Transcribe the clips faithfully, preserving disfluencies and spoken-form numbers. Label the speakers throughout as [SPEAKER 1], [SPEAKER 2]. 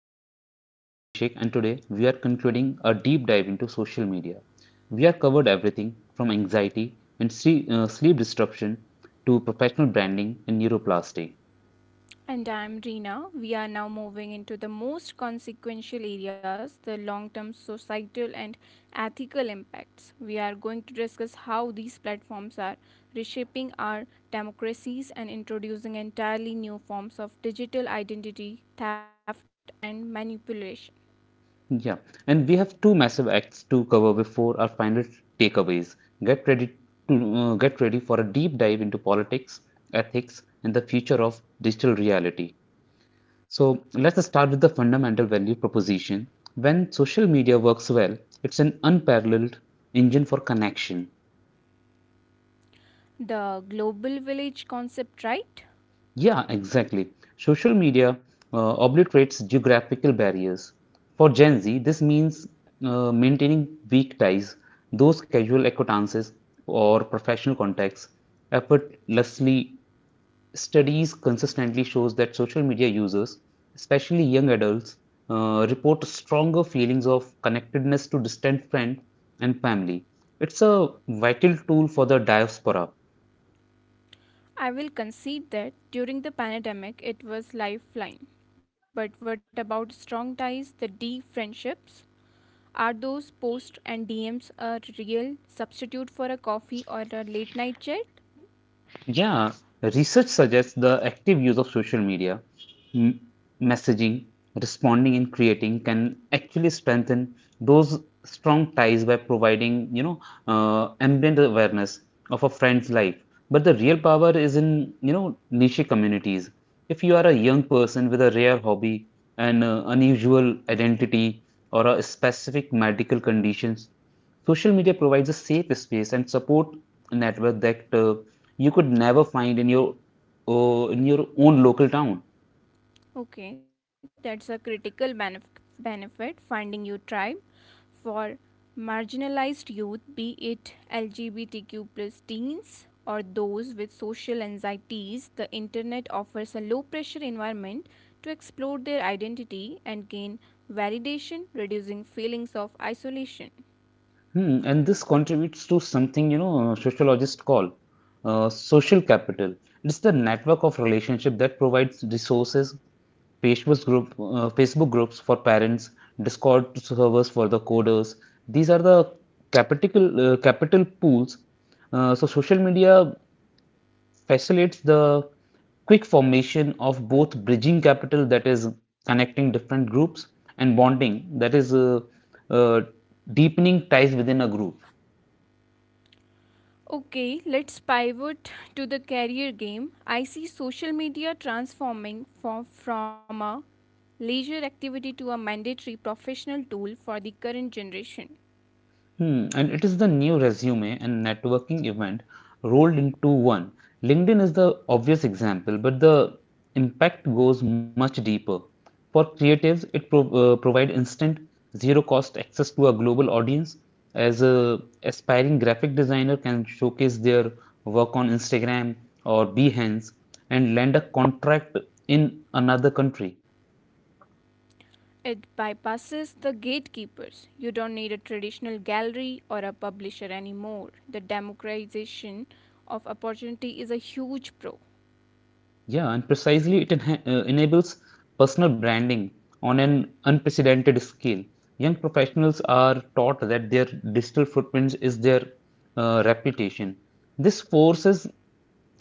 [SPEAKER 1] generation. I'm Abhishek, and today we are concluding a deep dive into social media. We have covered everything from anxiety and sleep, uh, sleep disruption to professional branding and neuroplasty.
[SPEAKER 2] And I'm Reena. We are now moving into the most consequential areas, the long term societal and ethical impacts. We are going to discuss how these platforms are reshaping our democracies and introducing entirely new forms of digital identity, theft, and manipulation.
[SPEAKER 1] Yeah, and we have two massive acts to cover before our final takeaways. Get ready to uh, get ready for a deep dive into politics, ethics, and the future of digital reality. So let's start with the fundamental value proposition. When social media works well, it's an unparalleled engine for connection.
[SPEAKER 2] The global village concept, right?
[SPEAKER 1] Yeah, exactly. Social media uh, obliterates geographical barriers. For Gen Z, this means uh, maintaining weak ties, those casual acquaintances or professional contacts, effortlessly. Studies consistently shows that social media users, especially young adults, uh, report stronger feelings of connectedness to distant friends and family. It's a vital tool for the diaspora.
[SPEAKER 2] I will concede that during the pandemic it was lifeline. But what about strong ties, the deep friendships? Are those posts and D Ms a real substitute for a coffee or a late night chat?
[SPEAKER 1] Yeah, research suggests the active use of social media, m- messaging, responding, and creating can actually strengthen those strong ties by providing, you know, uh, ambient awareness of a friend's life. But the real power is in, you know, niche communities. If you are a young person with a rare hobby, an uh, unusual identity, or a specific medical conditions, social media provides a safe space and support network that uh, you could never find in your uh, in your own local town.
[SPEAKER 2] Okay, that's a critical benef- benefit, finding your tribe for marginalized youth, be it L G B T Q plus teens or those with social anxieties. The internet offers a low pressure environment to explore their identity and gain validation, reducing feelings of isolation.
[SPEAKER 1] Hmm, and this contributes to something you know sociologists call uh, social capital. It's the network of relationship that provides resources, Facebook group, uh, Facebook groups for parents, Discord servers for the coders. These are the capital uh, capital pools. Uh, so social media facilitates the quick formation of both bridging capital, that is connecting different groups, and bonding, that is uh, uh, deepening ties within a group.
[SPEAKER 2] Okay, let's pivot to the career game. I see social media transforming from, from a leisure activity to a mandatory professional tool for the current generation.
[SPEAKER 1] Hmm, and it is the new resume and networking event rolled into one. LinkedIn is the obvious example, but the impact goes much deeper. For creatives, it pro uh, provides instant, zero-cost access to a global audience. As a aspiring graphic designer can showcase their work on Instagram or Behance and land a contract in another country.
[SPEAKER 2] It bypasses the gatekeepers. You don't need a traditional gallery or a publisher anymore. The democratization of opportunity is a huge pro.
[SPEAKER 1] Yeah, and precisely it enha- uh, enables personal branding on an unprecedented scale. Young professionals are taught that their digital footprint is their uh, reputation. This forces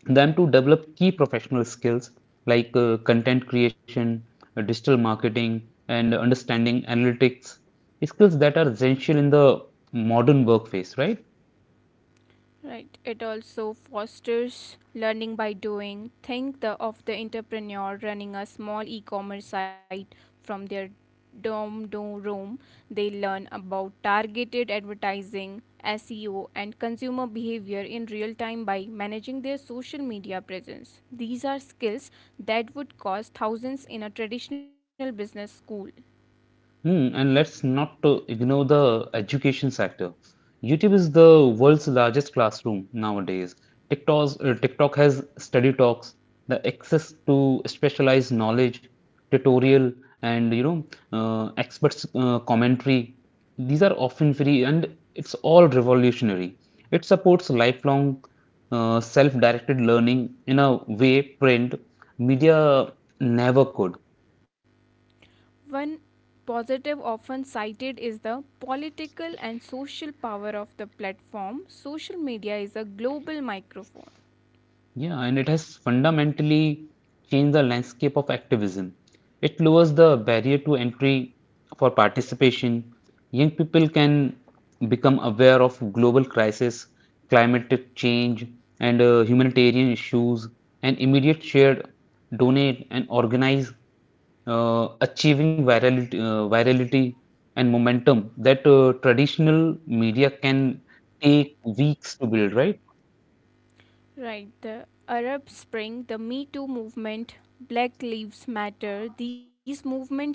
[SPEAKER 1] them to develop key professional skills like uh, content creation, uh, digital marketing, and understanding analytics, skills that are essential in the modern workplace, right?
[SPEAKER 2] Right. It also fosters learning by doing. Think the, of the entrepreneur running a small e-commerce site from their dorm do- room. They learn about targeted advertising, S E O, and consumer behavior in real time by managing their social media presence. These are skills that would cost thousands in a traditional business school.
[SPEAKER 1] Hmm, and let's not to ignore the education sector. YouTube is the world's largest classroom nowadays. TikTok's, uh, TikTok has study talks, the access to specialized knowledge, tutorial, and you know, uh, experts uh, commentary. These are often free, and it's all revolutionary. It supports lifelong uh, self-directed learning in a way print media never could.
[SPEAKER 2] One positive often cited is the political and social power of the platform. Social media is a global microphone.
[SPEAKER 1] Yeah, and it has fundamentally changed the landscape of activism. It lowers the barrier to entry for participation. Young people can become aware of global crisis, climate change, and uh, humanitarian issues, and immediate shared, donate, and organize, uh, achieving virality, uh, virality and momentum that uh, traditional media can take weeks to build, right?
[SPEAKER 2] Right, the Arab Spring, the Me Too movement, Black Lives Matter, these movements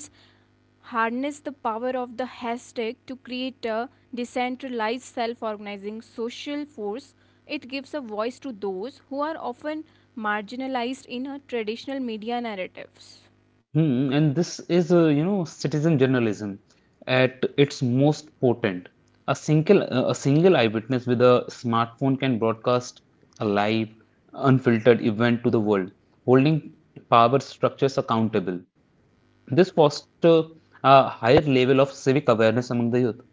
[SPEAKER 2] harness the power of the hashtag to create a decentralized self organizing social force. It gives a voice to those who are often marginalized in a traditional media narratives.
[SPEAKER 1] Hmm, and this is, uh, you know, citizen journalism at its most potent. A single, uh, a single eyewitness with a smartphone can broadcast a live, unfiltered event to the world, holding power structures accountable. This fosters a higher level of civic awareness among the youth.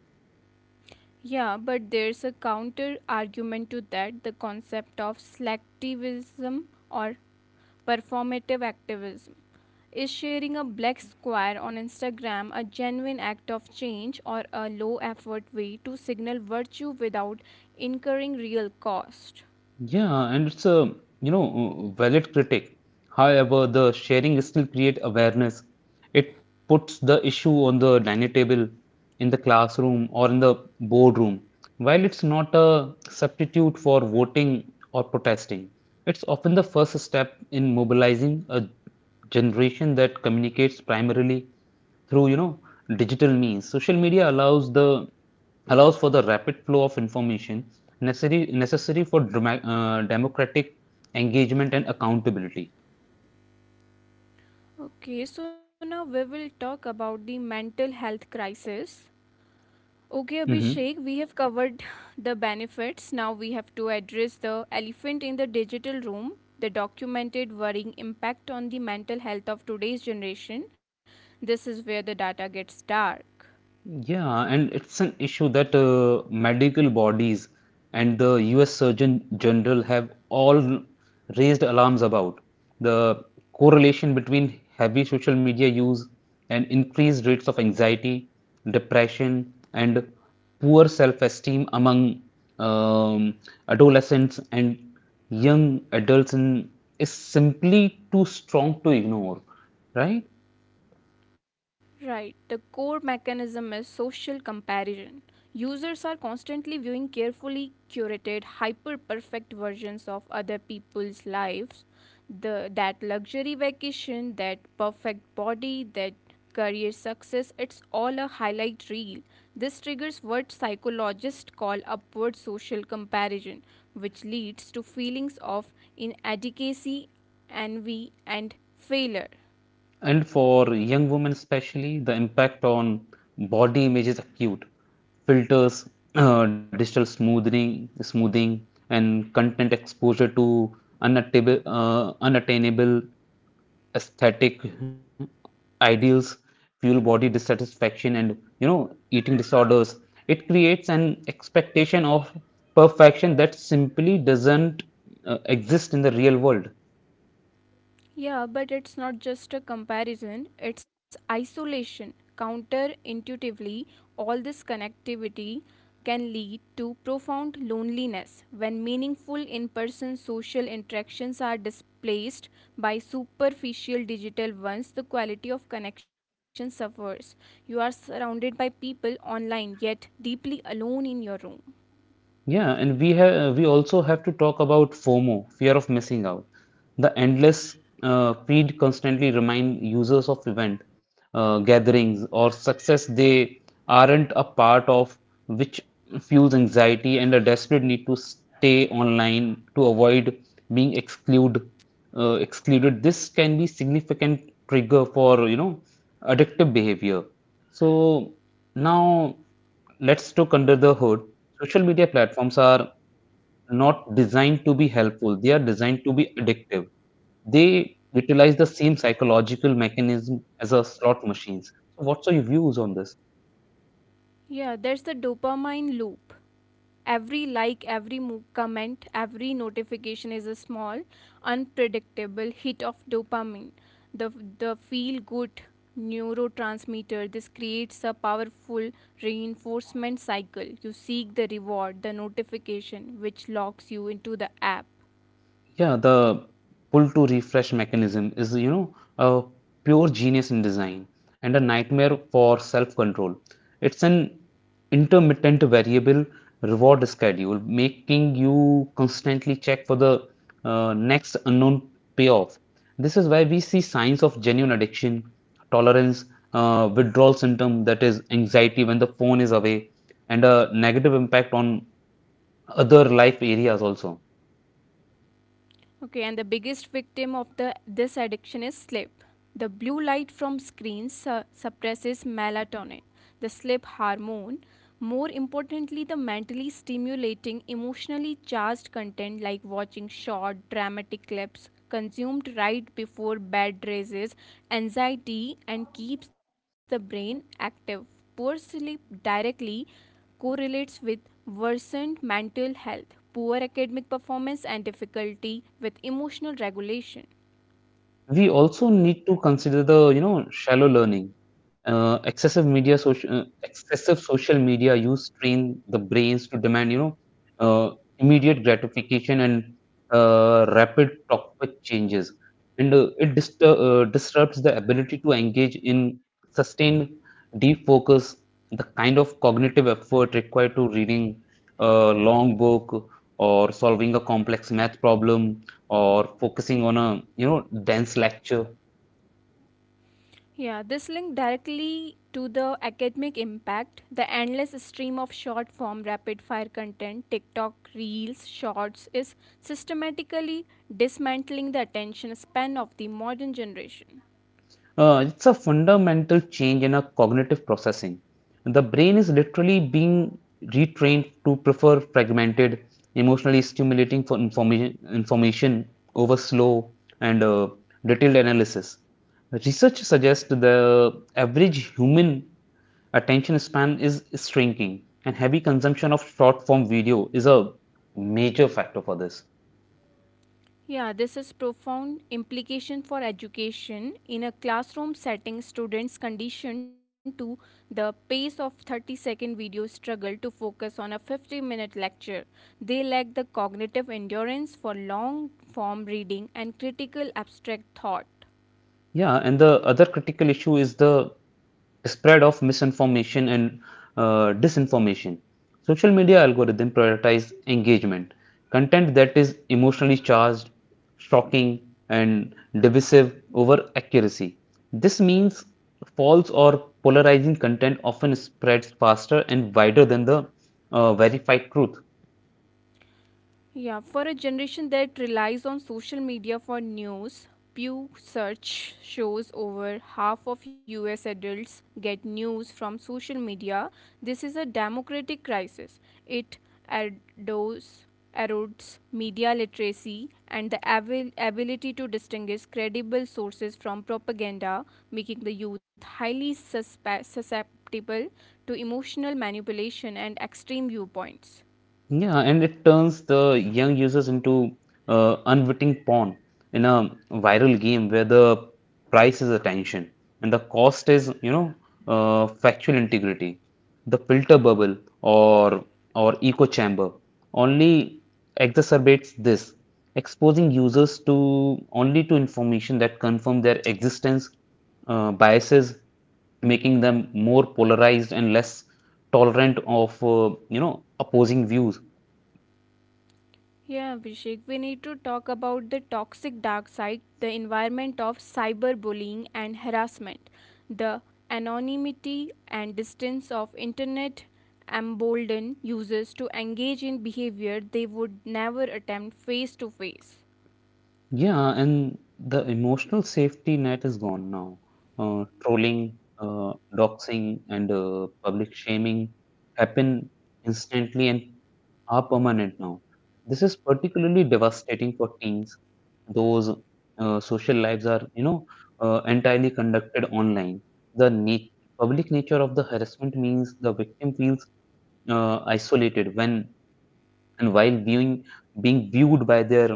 [SPEAKER 2] Yeah, but there's a counter argument to that, the concept of selectivism or performative activism. Is sharing a black square on Instagram a genuine act of change or a low effort way to signal virtue without incurring real cost?
[SPEAKER 1] Yeah, and it's a, you know, valid critic. However, the sharing still create awareness. It puts the issue on the dining table, in the classroom, or in the boardroom. While it's not a substitute for voting or protesting, it's often the first step in mobilizing a generation that communicates primarily through, you know, digital means. Social media allows the allows for the rapid flow of information necessary necessary for drama, uh, democratic engagement and accountability.
[SPEAKER 2] Okay, so now we will talk about the mental health crisis. Okay,
[SPEAKER 1] Mhm.
[SPEAKER 2] Abhishek, we have covered the benefits. Now we have to address the elephant in the digital room, the documented worrying impact on the mental health of today's generation. This is where the data gets dark.
[SPEAKER 1] Yeah, and it's an issue that uh, medical bodies and the U S Surgeon General have all raised alarms about. The correlation between heavy social media use and increased rates of anxiety, depression, and poor self-esteem among um, adolescents and young adults in, is simply too strong to ignore, right?
[SPEAKER 2] Right, the core mechanism is social comparison. Users are constantly viewing carefully curated, hyper perfect versions of other people's lives. The, that luxury vacation, that perfect body, that career success, it's all a highlight reel. This triggers what psychologists call upward social comparison, which leads to feelings of inadequacy, envy, and failure.
[SPEAKER 1] And for young women, especially, the impact on body image is acute. Filters, uh, digital smoothing, smoothing, and content exposure to unattainable, uh, unattainable aesthetic ideals fuel body dissatisfaction and you know eating disorders. It creates an expectation of perfection that simply doesn't uh, exist in the real world.
[SPEAKER 2] Yeah, but it's not just a comparison, it's isolation. Counterintuitively, all this connectivity can lead to profound loneliness. When meaningful in person social interactions are displaced by superficial digital ones, the quality of connection suffers. You are surrounded by people online yet deeply alone in your room.
[SPEAKER 1] Yeah, and we have we also have to talk about FOMO, fear of missing out. The endless uh, feed constantly remind users of event uh, gatherings or success they aren't a part of, which fuels anxiety and a desperate need to stay online to avoid being excluded. Uh, excluded. This can be significant trigger for you know addictive behavior. So now let's look under the hood. Social media platforms are not designed to be helpful, they are designed to be addictive. They utilize the same psychological mechanism as a slot machines. So, what's your views on this?
[SPEAKER 2] Yeah, there's the dopamine loop. Every like, every mo- comment, every notification is a small, unpredictable hit of dopamine, the, the feel good neurotransmitter. This creates a powerful reinforcement cycle. You seek the reward, the notification, which locks you into the app.
[SPEAKER 1] Yeah, the pull to refresh mechanism is, you know, a pure genius in design and a nightmare for self-control. It's an intermittent variable reward schedule, making you constantly check for the uh, next unknown payoff. This is why we see signs of genuine addiction, tolerance, uh, withdrawal symptom, that is anxiety when the phone is away, and a negative impact on other life areas also.
[SPEAKER 2] Okay, and the biggest victim of the this addiction is sleep. The blue light from screens su- suppresses melatonin, the sleep hormone. More importantly, the mentally stimulating, emotionally charged content like watching short, dramatic clips consumed right before bed raises anxiety and keeps the brain active. Poor sleep directly correlates with worsened mental health, poor academic performance, and difficulty with emotional regulation.
[SPEAKER 1] We also need to consider the, you know, shallow learning. Uh, excessive media social uh, excessive social media use train the brains to demand you know uh, immediate gratification and uh, rapid topic changes, and uh, it distur- uh, disrupts the ability to engage in sustained deep focus, the kind of cognitive effort required to reading a long book, or solving a complex math problem, or focusing on a you know dense lecture.
[SPEAKER 2] Yeah, this link directly to the academic impact. The endless stream of short form rapid fire content, TikTok, Reels, Shorts, is systematically dismantling the attention span of the modern generation.
[SPEAKER 1] Uh, it's a fundamental change in our cognitive processing. The brain is literally being retrained to prefer fragmented, emotionally stimulating for information, information over slow and uh, detailed analysis. Research suggests the average human attention span is shrinking, and heavy consumption of short form video is a major factor for this.
[SPEAKER 2] Yeah, this is profound implication for education. In a classroom setting, students conditioned to the pace of thirty-second video struggle to focus on a fifty-minute lecture. They lack the cognitive endurance for long-form reading and critical abstract thought.
[SPEAKER 1] Yeah, and the other critical issue is the spread of misinformation and uh, disinformation. Social media algorithm prioritize engagement, content that is emotionally charged, shocking, and divisive over accuracy. This means false or polarizing content often spreads faster and wider than the uh, verified truth.
[SPEAKER 2] Yeah, for a generation that relies on social media for news, Pew Search shows over half of U S adults get news from social media. This is a democratic crisis. It erodes, erodes media literacy and the abil- ability to distinguish credible sources from propaganda, making the youth highly suspe- susceptible to emotional manipulation and extreme viewpoints.
[SPEAKER 1] Yeah, and it turns the young users into uh, unwitting pawn in a viral game where the price is attention and the cost is, you know, uh, factual integrity. The filter bubble or or echo chamber only exacerbates this, exposing users to only to information that confirm their existence, uh, biases, making them more polarized and less tolerant of uh, you know opposing views.
[SPEAKER 2] Yeah, Abhishek, we need to talk about the toxic dark side, the environment of cyberbullying and harassment. The anonymity and distance of internet embolden users to engage in behavior they would never attempt face to face.
[SPEAKER 1] Yeah and the emotional safety net is gone now. Uh, trolling uh, doxing, and uh, public shaming happen instantly and are permanent now. This is particularly devastating for teens, those uh, social lives are you know uh, entirely conducted online. The na- public nature of the harassment means the victim feels uh, isolated when and while being being viewed by their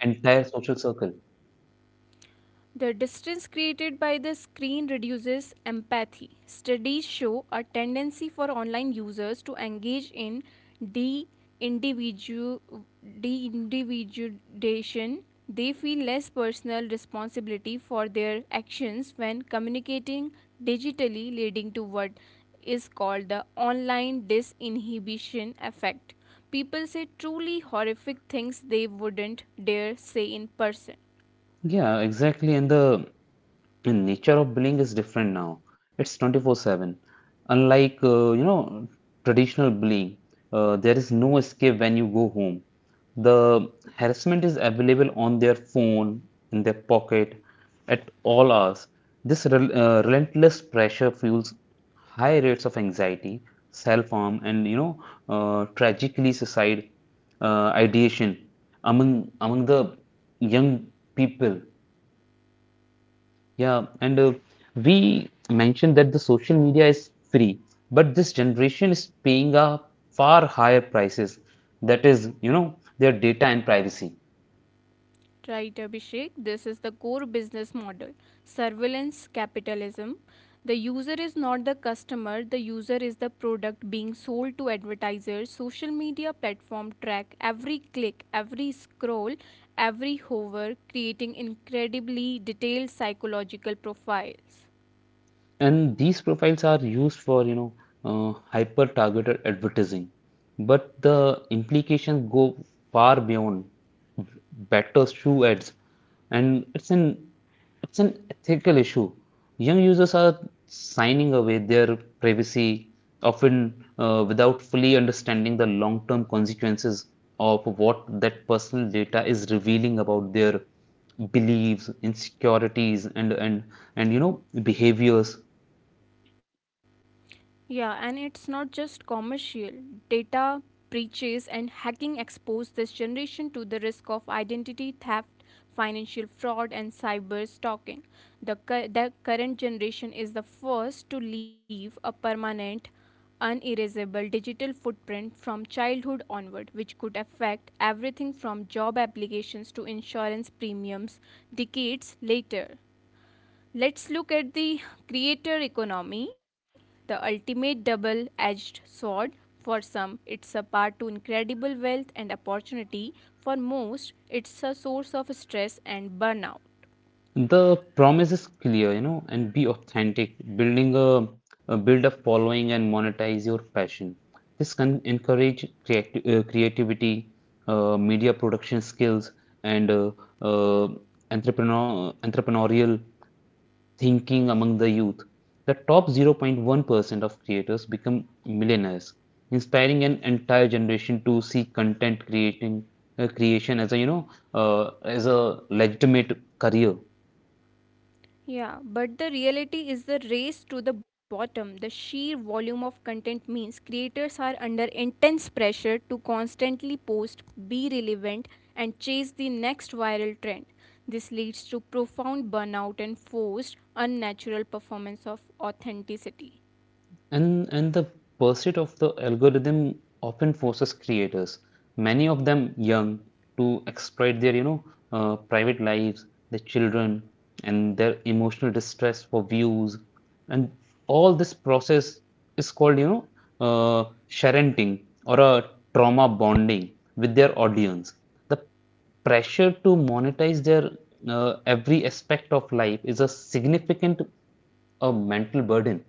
[SPEAKER 1] entire social circle.
[SPEAKER 2] The distance created by the screen reduces empathy. Studies show a tendency for online users to engage in de individuation. They feel less personal responsibility for their actions when communicating digitally, leading to what is called the online disinhibition effect. People say truly horrific things they wouldn't dare say in person.
[SPEAKER 1] Yeah, exactly. And the and nature of bullying is different now. It's twenty-four seven. Unlike uh, you know traditional bullying, uh, there is no escape when you go home. The harassment is available on their phone, in their pocket, at all hours. This rel- uh, relentless pressure fuels high rates of anxiety, self-harm, and you know, uh, tragically suicide uh, ideation among among the young people. Yeah, and uh, we mentioned that the social media is free, but this generation is paying a far higher prices. That is, you know, their data and privacy.
[SPEAKER 2] Right, Abhishek. This is the core business model, surveillance capitalism. The user is not the customer, the user is the product being sold to advertisers. Social media platform track every click, every scroll, every hover, creating incredibly detailed psychological profiles.
[SPEAKER 1] And these profiles are used for you know uh, hyper targeted advertising, but the implications go far beyond better shoe ads. And it's an it's an ethical issue. Young users are signing away their privacy often uh, without fully understanding the long term consequences of what that personal data is revealing about their beliefs, insecurities, and and and you know behaviors.
[SPEAKER 2] Yeah, and it's not just commercial. Data breaches and hacking expose this generation to the risk of identity theft, financial fraud, and cyber stalking. The, cu- the current generation is the first to leave a permanent, unerasable digital footprint from childhood onward, which could affect everything from job applications to insurance premiums decades later. Let's look at the creator economy, the ultimate double edged sword. For some, it's a path to incredible wealth and opportunity. For most, it's a source of stress and burnout.
[SPEAKER 1] The promise is clear, you know, and be authentic, building a, a build a following and monetize your passion. This can encourage creati- uh, creativity, uh, media production skills, and uh, uh, entrepreneur, entrepreneurial thinking among the youth. The top zero point one percent of creators become millionaires, inspiring an entire generation to see content creating uh, creation as a, you know, uh, as a legitimate career.
[SPEAKER 2] Yeah, but the reality is the race to the bottom. The sheer volume of content means creators are under intense pressure to constantly post, be relevant, and chase the next viral trend. This leads to profound burnout and forced, unnatural performance of authenticity.
[SPEAKER 1] And, and the pursuit of the algorithm often forces creators, many of them young, to exploit their, you know, uh, private lives, their children, and their emotional distress for views. And all this process is called, you know, uh, sharenting or a trauma bonding with their audience. The pressure to monetize their uh, every aspect of life is a significant uh, mental burden.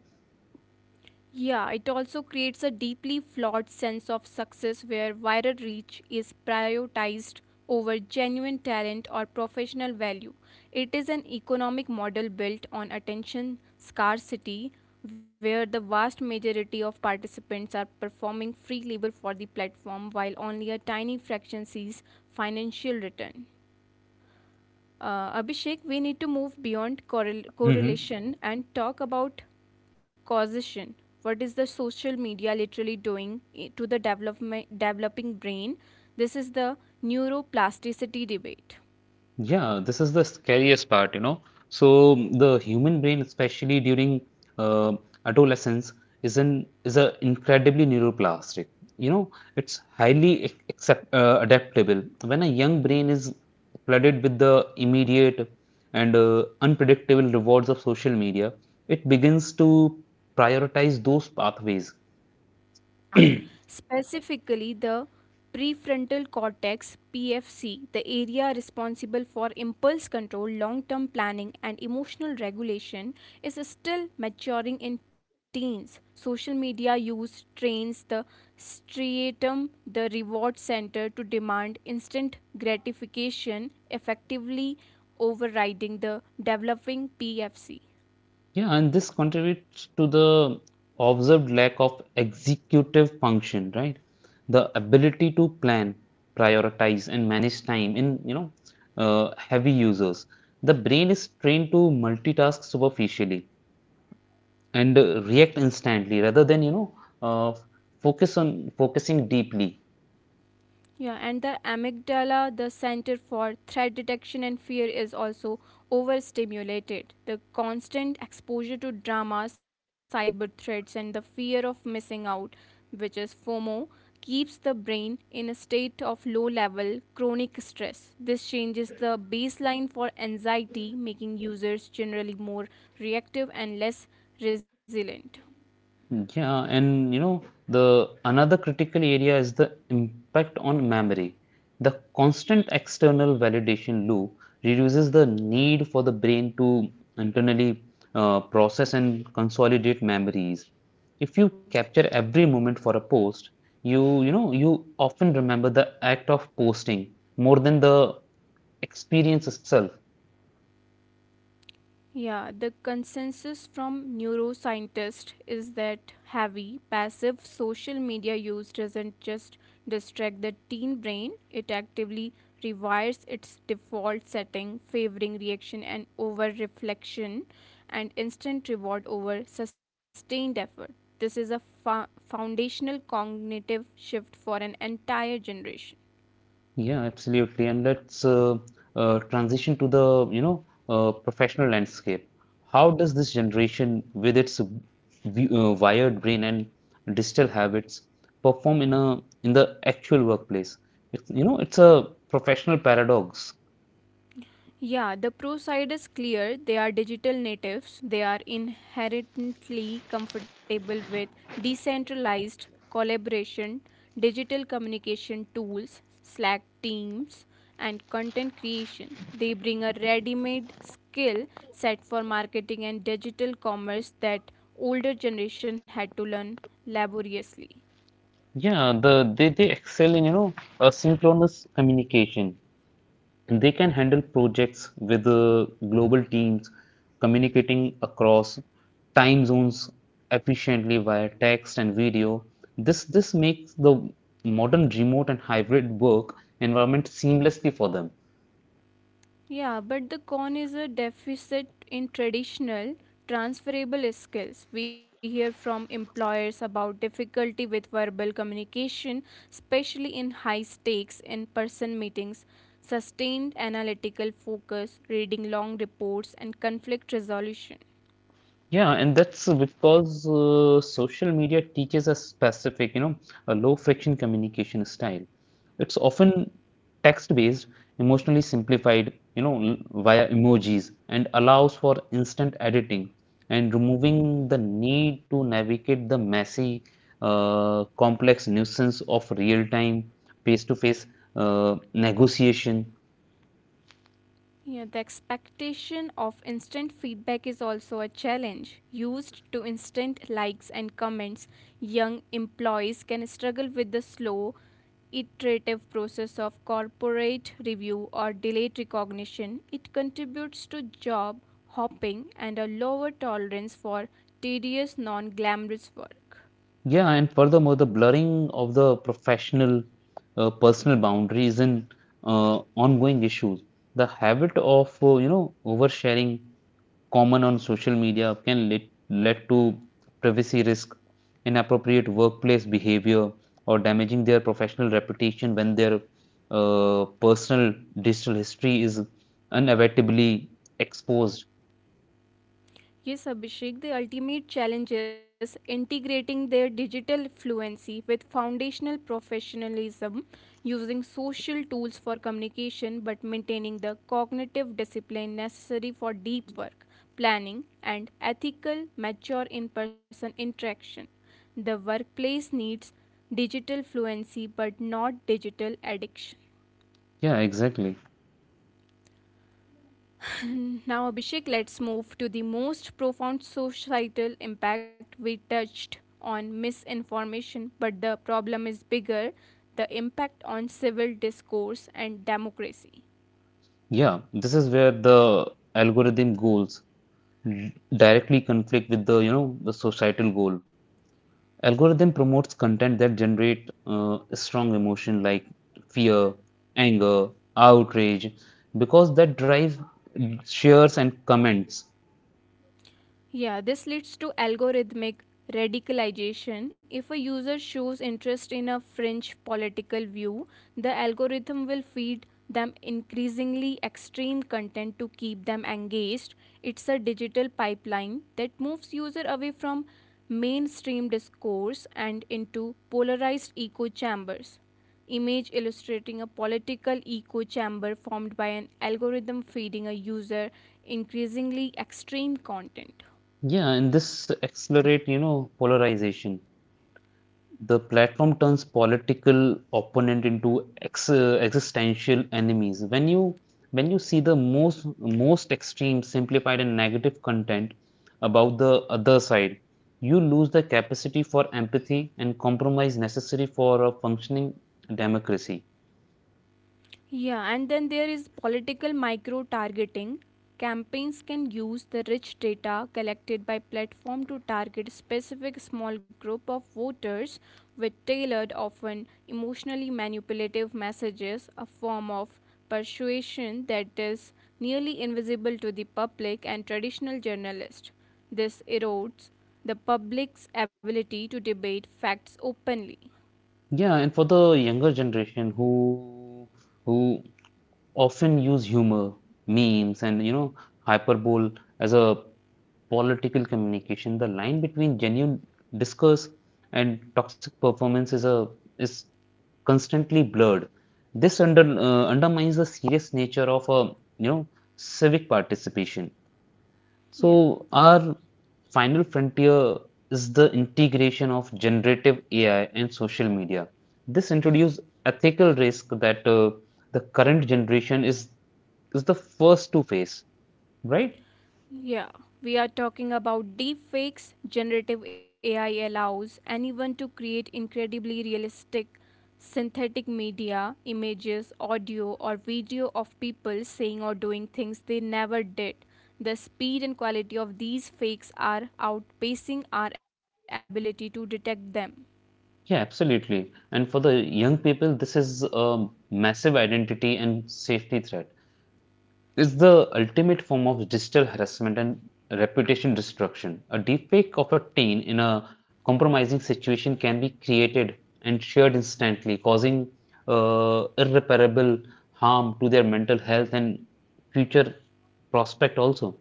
[SPEAKER 2] Yeah, it also creates a deeply flawed sense of success where viral reach is prioritized over genuine talent or professional value. It is an economic model built on attention scarcity where the vast majority of participants are performing free labor for the platform while only a tiny fraction sees financial return. Uh, Abhishek, we need to move beyond correl- correlation and talk about causation. What is the social media literally doing i- to the development, developing brain? This is the neuroplasticity debate.
[SPEAKER 1] Yeah, this is the scariest part, you know. So the human brain, especially during uh, adolescence, is an is a incredibly neuroplastic. You know, it's highly ac- accept, uh, adaptable. When a young
[SPEAKER 2] Yeah.
[SPEAKER 1] brain is flooded with the immediate and uh, unpredictable rewards of social media, it begins to prioritize those pathways.
[SPEAKER 2] Specifically the prefrontal cortex P F C, the area responsible for impulse control, long term planning, and emotional regulation, is still maturing in teens. Social media use trains the striatum, the reward center, to demand instant gratification, effectively overriding the developing P F C.
[SPEAKER 1] Yeah, and this contributes to the observed lack of executive function, right? The ability to plan, prioritize, and manage time in, you know, uh, heavy users. The brain is trained to multitask superficially and uh, react instantly rather than, you know, uh, focus on focusing deeply.
[SPEAKER 2] Yeah, and the amygdala, the center for threat detection and fear, is also overstimulated. The constant exposure to drama, cyber threats, and the fear of missing out, which is FOMO, keeps the brain in a state of low level chronic stress. This changes the baseline for anxiety, making users generally more reactive and less resilient.
[SPEAKER 1] Hmm. Yeah, and you know, the another critical area is the impact on memory. The constant external validation loop reduces the need for the brain to internally uh, process and consolidate memories. If you capture every moment for a post, you you know you often remember the act of posting more than the experience itself.
[SPEAKER 2] Yeah, the consensus from neuroscientists is that heavy, passive social media use doesn't just distract the teen brain, it actively rewires its default setting, favoring reaction and over reflection and instant reward over sustained effort. This is a fo- foundational cognitive shift for an entire generation.
[SPEAKER 1] Yeah, absolutely. And let's uh, uh, transition to the, you know, uh, professional landscape. How does this generation, with its vi- uh, wired brain and digital habits, perform in a in the actual workplace? It's, you know, it's a professional paradox.
[SPEAKER 2] Yeah, the pro side is clear. They are digital natives. They are inherently comfortable with decentralized collaboration, digital communication tools, Slack teams, and content creation. They bring a ready made skill set for marketing and digital commerce that older generation had to learn laboriously.
[SPEAKER 1] Yeah, the they, they excel in, you know, asynchronous communication. They can handle projects with uh, global teams, communicating across time zones efficiently via text and video. This this makes the modern remote and hybrid work environment seamlessly for them.
[SPEAKER 2] Yeah, but the con is a deficit in traditional transferable skills. We hear from employers about difficulty with verbal communication, especially in high stakes in person meetings, sustained analytical focus, reading long reports, and conflict resolution.
[SPEAKER 1] Yeah, and that's because uh, social media teaches a specific, you know, a low friction communication style. It's often text-based, emotionally simplified, you know, l- via emojis, and allows for instant editing and removing the need to navigate the messy, uh, complex nuisance of real-time, face-to-face uh, negotiation.
[SPEAKER 2] Yeah, the expectation of instant feedback is also a challenge. Used to instant likes and comments, young employees can struggle with the slow, iterative process of corporate review or delayed recognition. It contributes to job hopping and a lower tolerance for tedious, non glamorous work.
[SPEAKER 1] Yeah, and furthermore, the blurring of the professional uh, personal boundaries in uh, ongoing issues. The habit of uh, you know oversharing common on social media can lead, lead to privacy risk, inappropriate workplace behavior, or damaging their professional reputation when their uh, personal digital history is inevitably exposed.
[SPEAKER 2] Yes, Abhishek, the ultimate challenge is integrating their digital fluency with foundational professionalism, using social tools for communication but maintaining the cognitive discipline necessary for deep work, planning, and ethical, mature in person interaction. The workplace needs digital fluency but not digital addiction.
[SPEAKER 1] Yeah, exactly.
[SPEAKER 2] And now, Abhishek, let's move to the most profound societal impact. We touched on misinformation, but the problem is bigger, the impact on civil discourse and democracy.
[SPEAKER 1] Yeah, this is where the algorithm goes. d- Directly conflict with the you know the societal goal. Algorithm promotes content that generate uh, strong emotion like fear, anger, outrage, because that drive shares and comments.
[SPEAKER 2] Yeah, this leads to algorithmic radicalization. If a user shows interest in a fringe political view, the algorithm will feed them increasingly extreme content to keep them engaged. It's a digital pipeline that moves user away from mainstream discourse and into polarized echo chambers. Image illustrating a political echo chamber formed by an algorithm feeding a user increasingly extreme content.
[SPEAKER 1] Yeah, and this accelerate you know polarization. The platform turns political opponent into ex uh, existential enemies. When you when you see the most most extreme, simplified and negative content about the other side, you lose the capacity for empathy and compromise necessary for a functioning democracy.
[SPEAKER 2] Yeah, and then there is political micro targeting. Campaigns can use the rich data collected by platform to target specific small group of voters with tailored, often emotionally manipulative messages, a form of persuasion that is nearly invisible to the public and traditional journalists. This erodes the public's ability to debate facts openly.
[SPEAKER 1] Yeah, and for the younger generation who who often use humor, memes, and you know, hyperbole as a political communication, the line between genuine discourse and toxic performance is a is constantly blurred. This under, uh, undermines the serious nature of a you know civic participation.
[SPEAKER 2] Yeah.
[SPEAKER 1] So, our final frontier is the integration of generative A I and social media. This introduces ethical risk that uh, the current generation is is the first to face, right?
[SPEAKER 2] Yeah, we are talking about deepfakes. Generative A I allows anyone to create incredibly realistic synthetic media, images, audio, or video of people saying or doing things they never did. The speed and quality of these fakes are outpacing our ability to detect them.
[SPEAKER 1] Yeah, absolutely. And for the young people, this is a massive identity and safety threat. Is the ultimate form of digital harassment and reputation destruction. A deepfake of a teen in a compromising situation can be created and shared instantly, causing uh, irreparable harm to their mental health and future prospect also.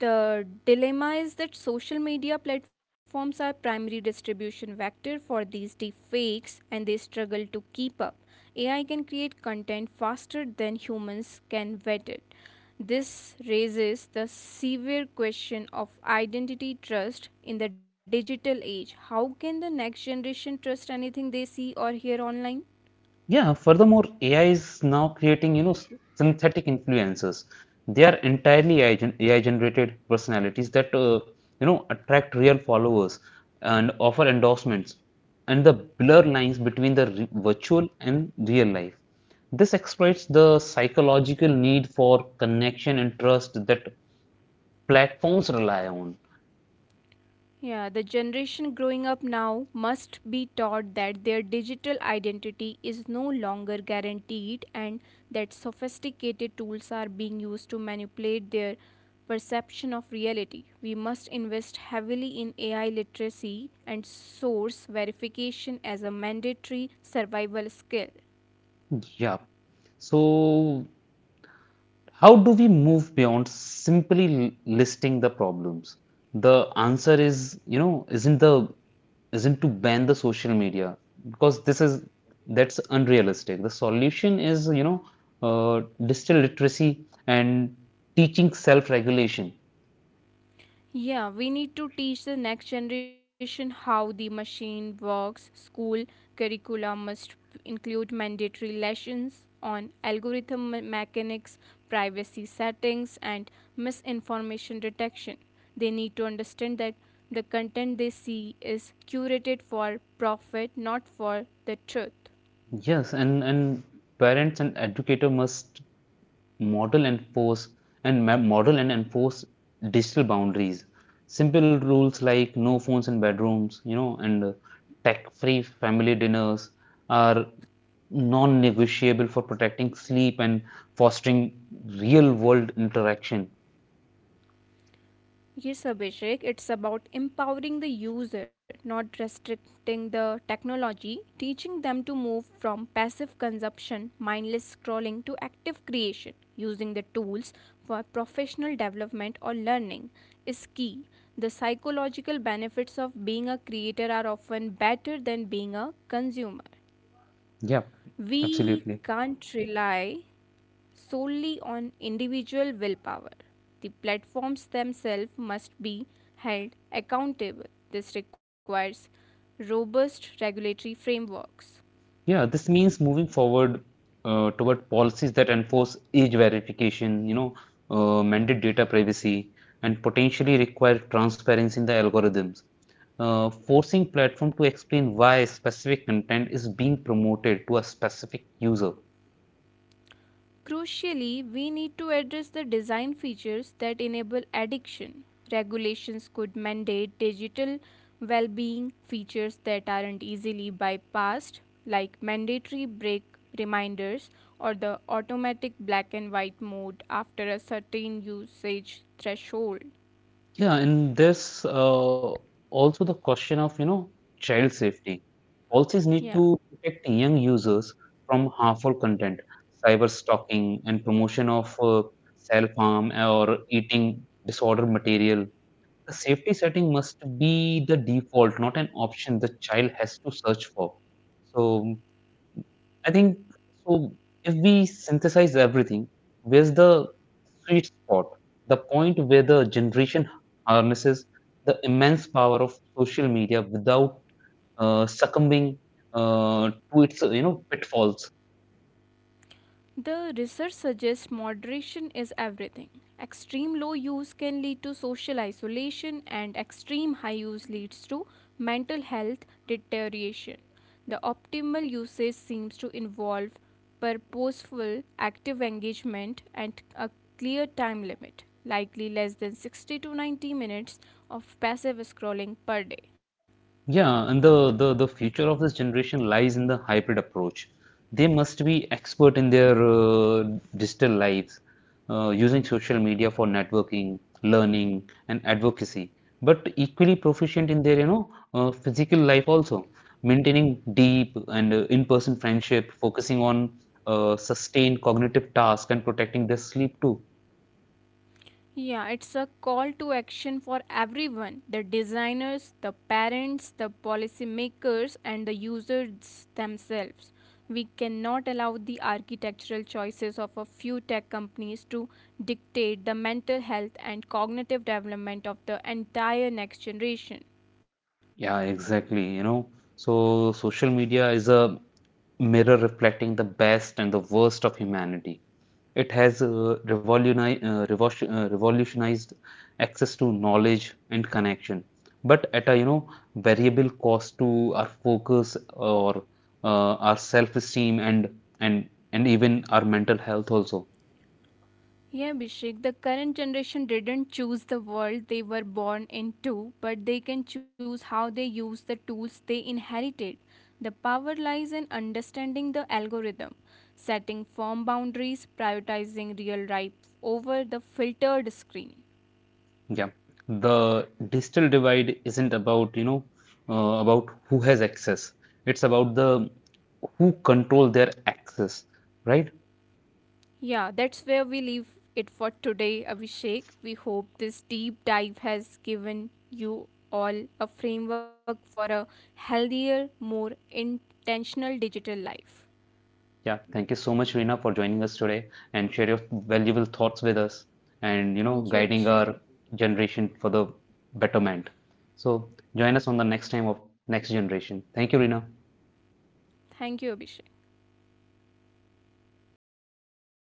[SPEAKER 2] The dilemma is that social media platforms are primary distribution vector for these deepfakes and they struggle to keep up. A I can create content faster than humans can vet it. This raises the severe question of identity trust in the digital age. How can the next generation trust anything they see or hear online?
[SPEAKER 1] Yeah, furthermore, A I is now creating, you know, s- synthetic influencers. They are entirely A I, gen- A I generated personalities that, uh, you know, attract real followers and offer endorsements and the blur lines between the re- virtual and real life. This exploits the psychological need for connection and trust that platforms rely on.
[SPEAKER 2] Yeah, the generation growing up now must be taught that their digital identity is no longer guaranteed and that sophisticated tools are being used to manipulate their perception of reality. We must invest heavily in A I literacy and source verification as a mandatory survival skill.
[SPEAKER 1] Yeah. So how do we move beyond simply listing the problems? The answer is, you know, isn't the isn't to ban the social media because this is that's unrealistic. The solution is, you know, uh, digital literacy and teaching self-regulation.
[SPEAKER 2] Yeah, we need to teach the next generation how the machine works. School curriculum must include mandatory lessons on algorithm me- mechanics, privacy settings, and misinformation detection. They need to understand that the content they see is curated for profit, not for the truth.
[SPEAKER 1] Yes, and and parents and educator must model and enforce, and model and enforce digital boundaries, simple rules like no phones in bedrooms, you know, and uh, tech-free family dinners are non-negotiable for protecting sleep and fostering real-world interaction.
[SPEAKER 2] Yes, Abhishek, it's about empowering the user, not restricting the technology, teaching them to move from passive consumption, mindless scrolling, to active creation, using the tools for professional development or learning is key. The psychological benefits of being a creator are often better than being a consumer.
[SPEAKER 1] Yeah,
[SPEAKER 2] We
[SPEAKER 1] absolutely.
[SPEAKER 2] can't rely solely on individual willpower. The platforms themselves must be held accountable. This requires robust regulatory frameworks.
[SPEAKER 1] Yeah, this means moving forward uh, toward policies that enforce age verification, you know, uh, mandate data privacy, and potentially require transparency in the algorithms. Uh, forcing platform to explain why specific content is being promoted to a specific user.
[SPEAKER 2] Crucially, we need to address the design features that enable addiction. Regulations could mandate digital well being features that aren't easily bypassed, like mandatory break reminders or the automatic black and white mode after a certain usage threshold.
[SPEAKER 1] Yeah, and this uh, also the question of, you know, child safety. Policies need
[SPEAKER 2] Yeah.
[SPEAKER 1] to protect young users from harmful content, cyber stalking, and promotion of uh, self-harm or eating disorder material. The safety setting must be the default, not an option the child has to search for. So I think so. If we synthesize everything, where's the sweet spot? The point where the generation harnesses the immense power of social media without uh, succumbing uh, to its uh, you know pitfalls.
[SPEAKER 2] The research suggests moderation is everything. Extreme low use can lead to social isolation, and extreme high use leads to mental health deterioration. The optimal usage seems to involve purposeful active engagement and a clear time limit, likely less than sixty to ninety minutes of passive scrolling per day.
[SPEAKER 1] Yeah, and the, the the future of this generation lies in the hybrid approach. They must be expert in their uh, digital lives, uh, using social media for networking, learning, and advocacy, but equally proficient in their you know uh, physical life also, maintaining deep and uh, in-person friendship, focusing on uh, sustained cognitive tasks, and protecting their sleep too.
[SPEAKER 2] Yeah, it's a call to action for everyone, the designers, the parents, the policymakers, and the users themselves. We cannot allow the architectural choices of a few tech companies to dictate the mental health and cognitive development of the entire next generation.
[SPEAKER 1] Yeah, exactly. You know, so social media is a mirror reflecting the best and the worst of humanity. It has uh, revoluni- uh, revolution- uh, revolutionized access to knowledge and connection, but at a you know variable cost to our focus or uh, our self-esteem and and and even our mental health also.
[SPEAKER 2] Yeah, Abhishek, the current generation didn't choose the world they were born into, but they can choose how they use the tools they inherited. The power lies in understanding the algorithm, setting firm boundaries, prioritizing real rights over the filtered screen.
[SPEAKER 1] Yeah, the digital divide isn't about you know uh, about who has access. It's about the who control their access, right?
[SPEAKER 2] Yeah, that's where we leave it for today, Abhishek. We hope this deep dive has given you all a framework for a healthier, more intentional digital life.
[SPEAKER 1] Yeah, thank you so much, Reena, for joining us today and share your valuable thoughts with us and, you know, guiding
[SPEAKER 2] Thank you,
[SPEAKER 1] our
[SPEAKER 2] Abhishek.
[SPEAKER 1] generation for the betterment. So join us on the next time of Next Generation. Thank you, Reena.
[SPEAKER 2] Thank you, Abhishek.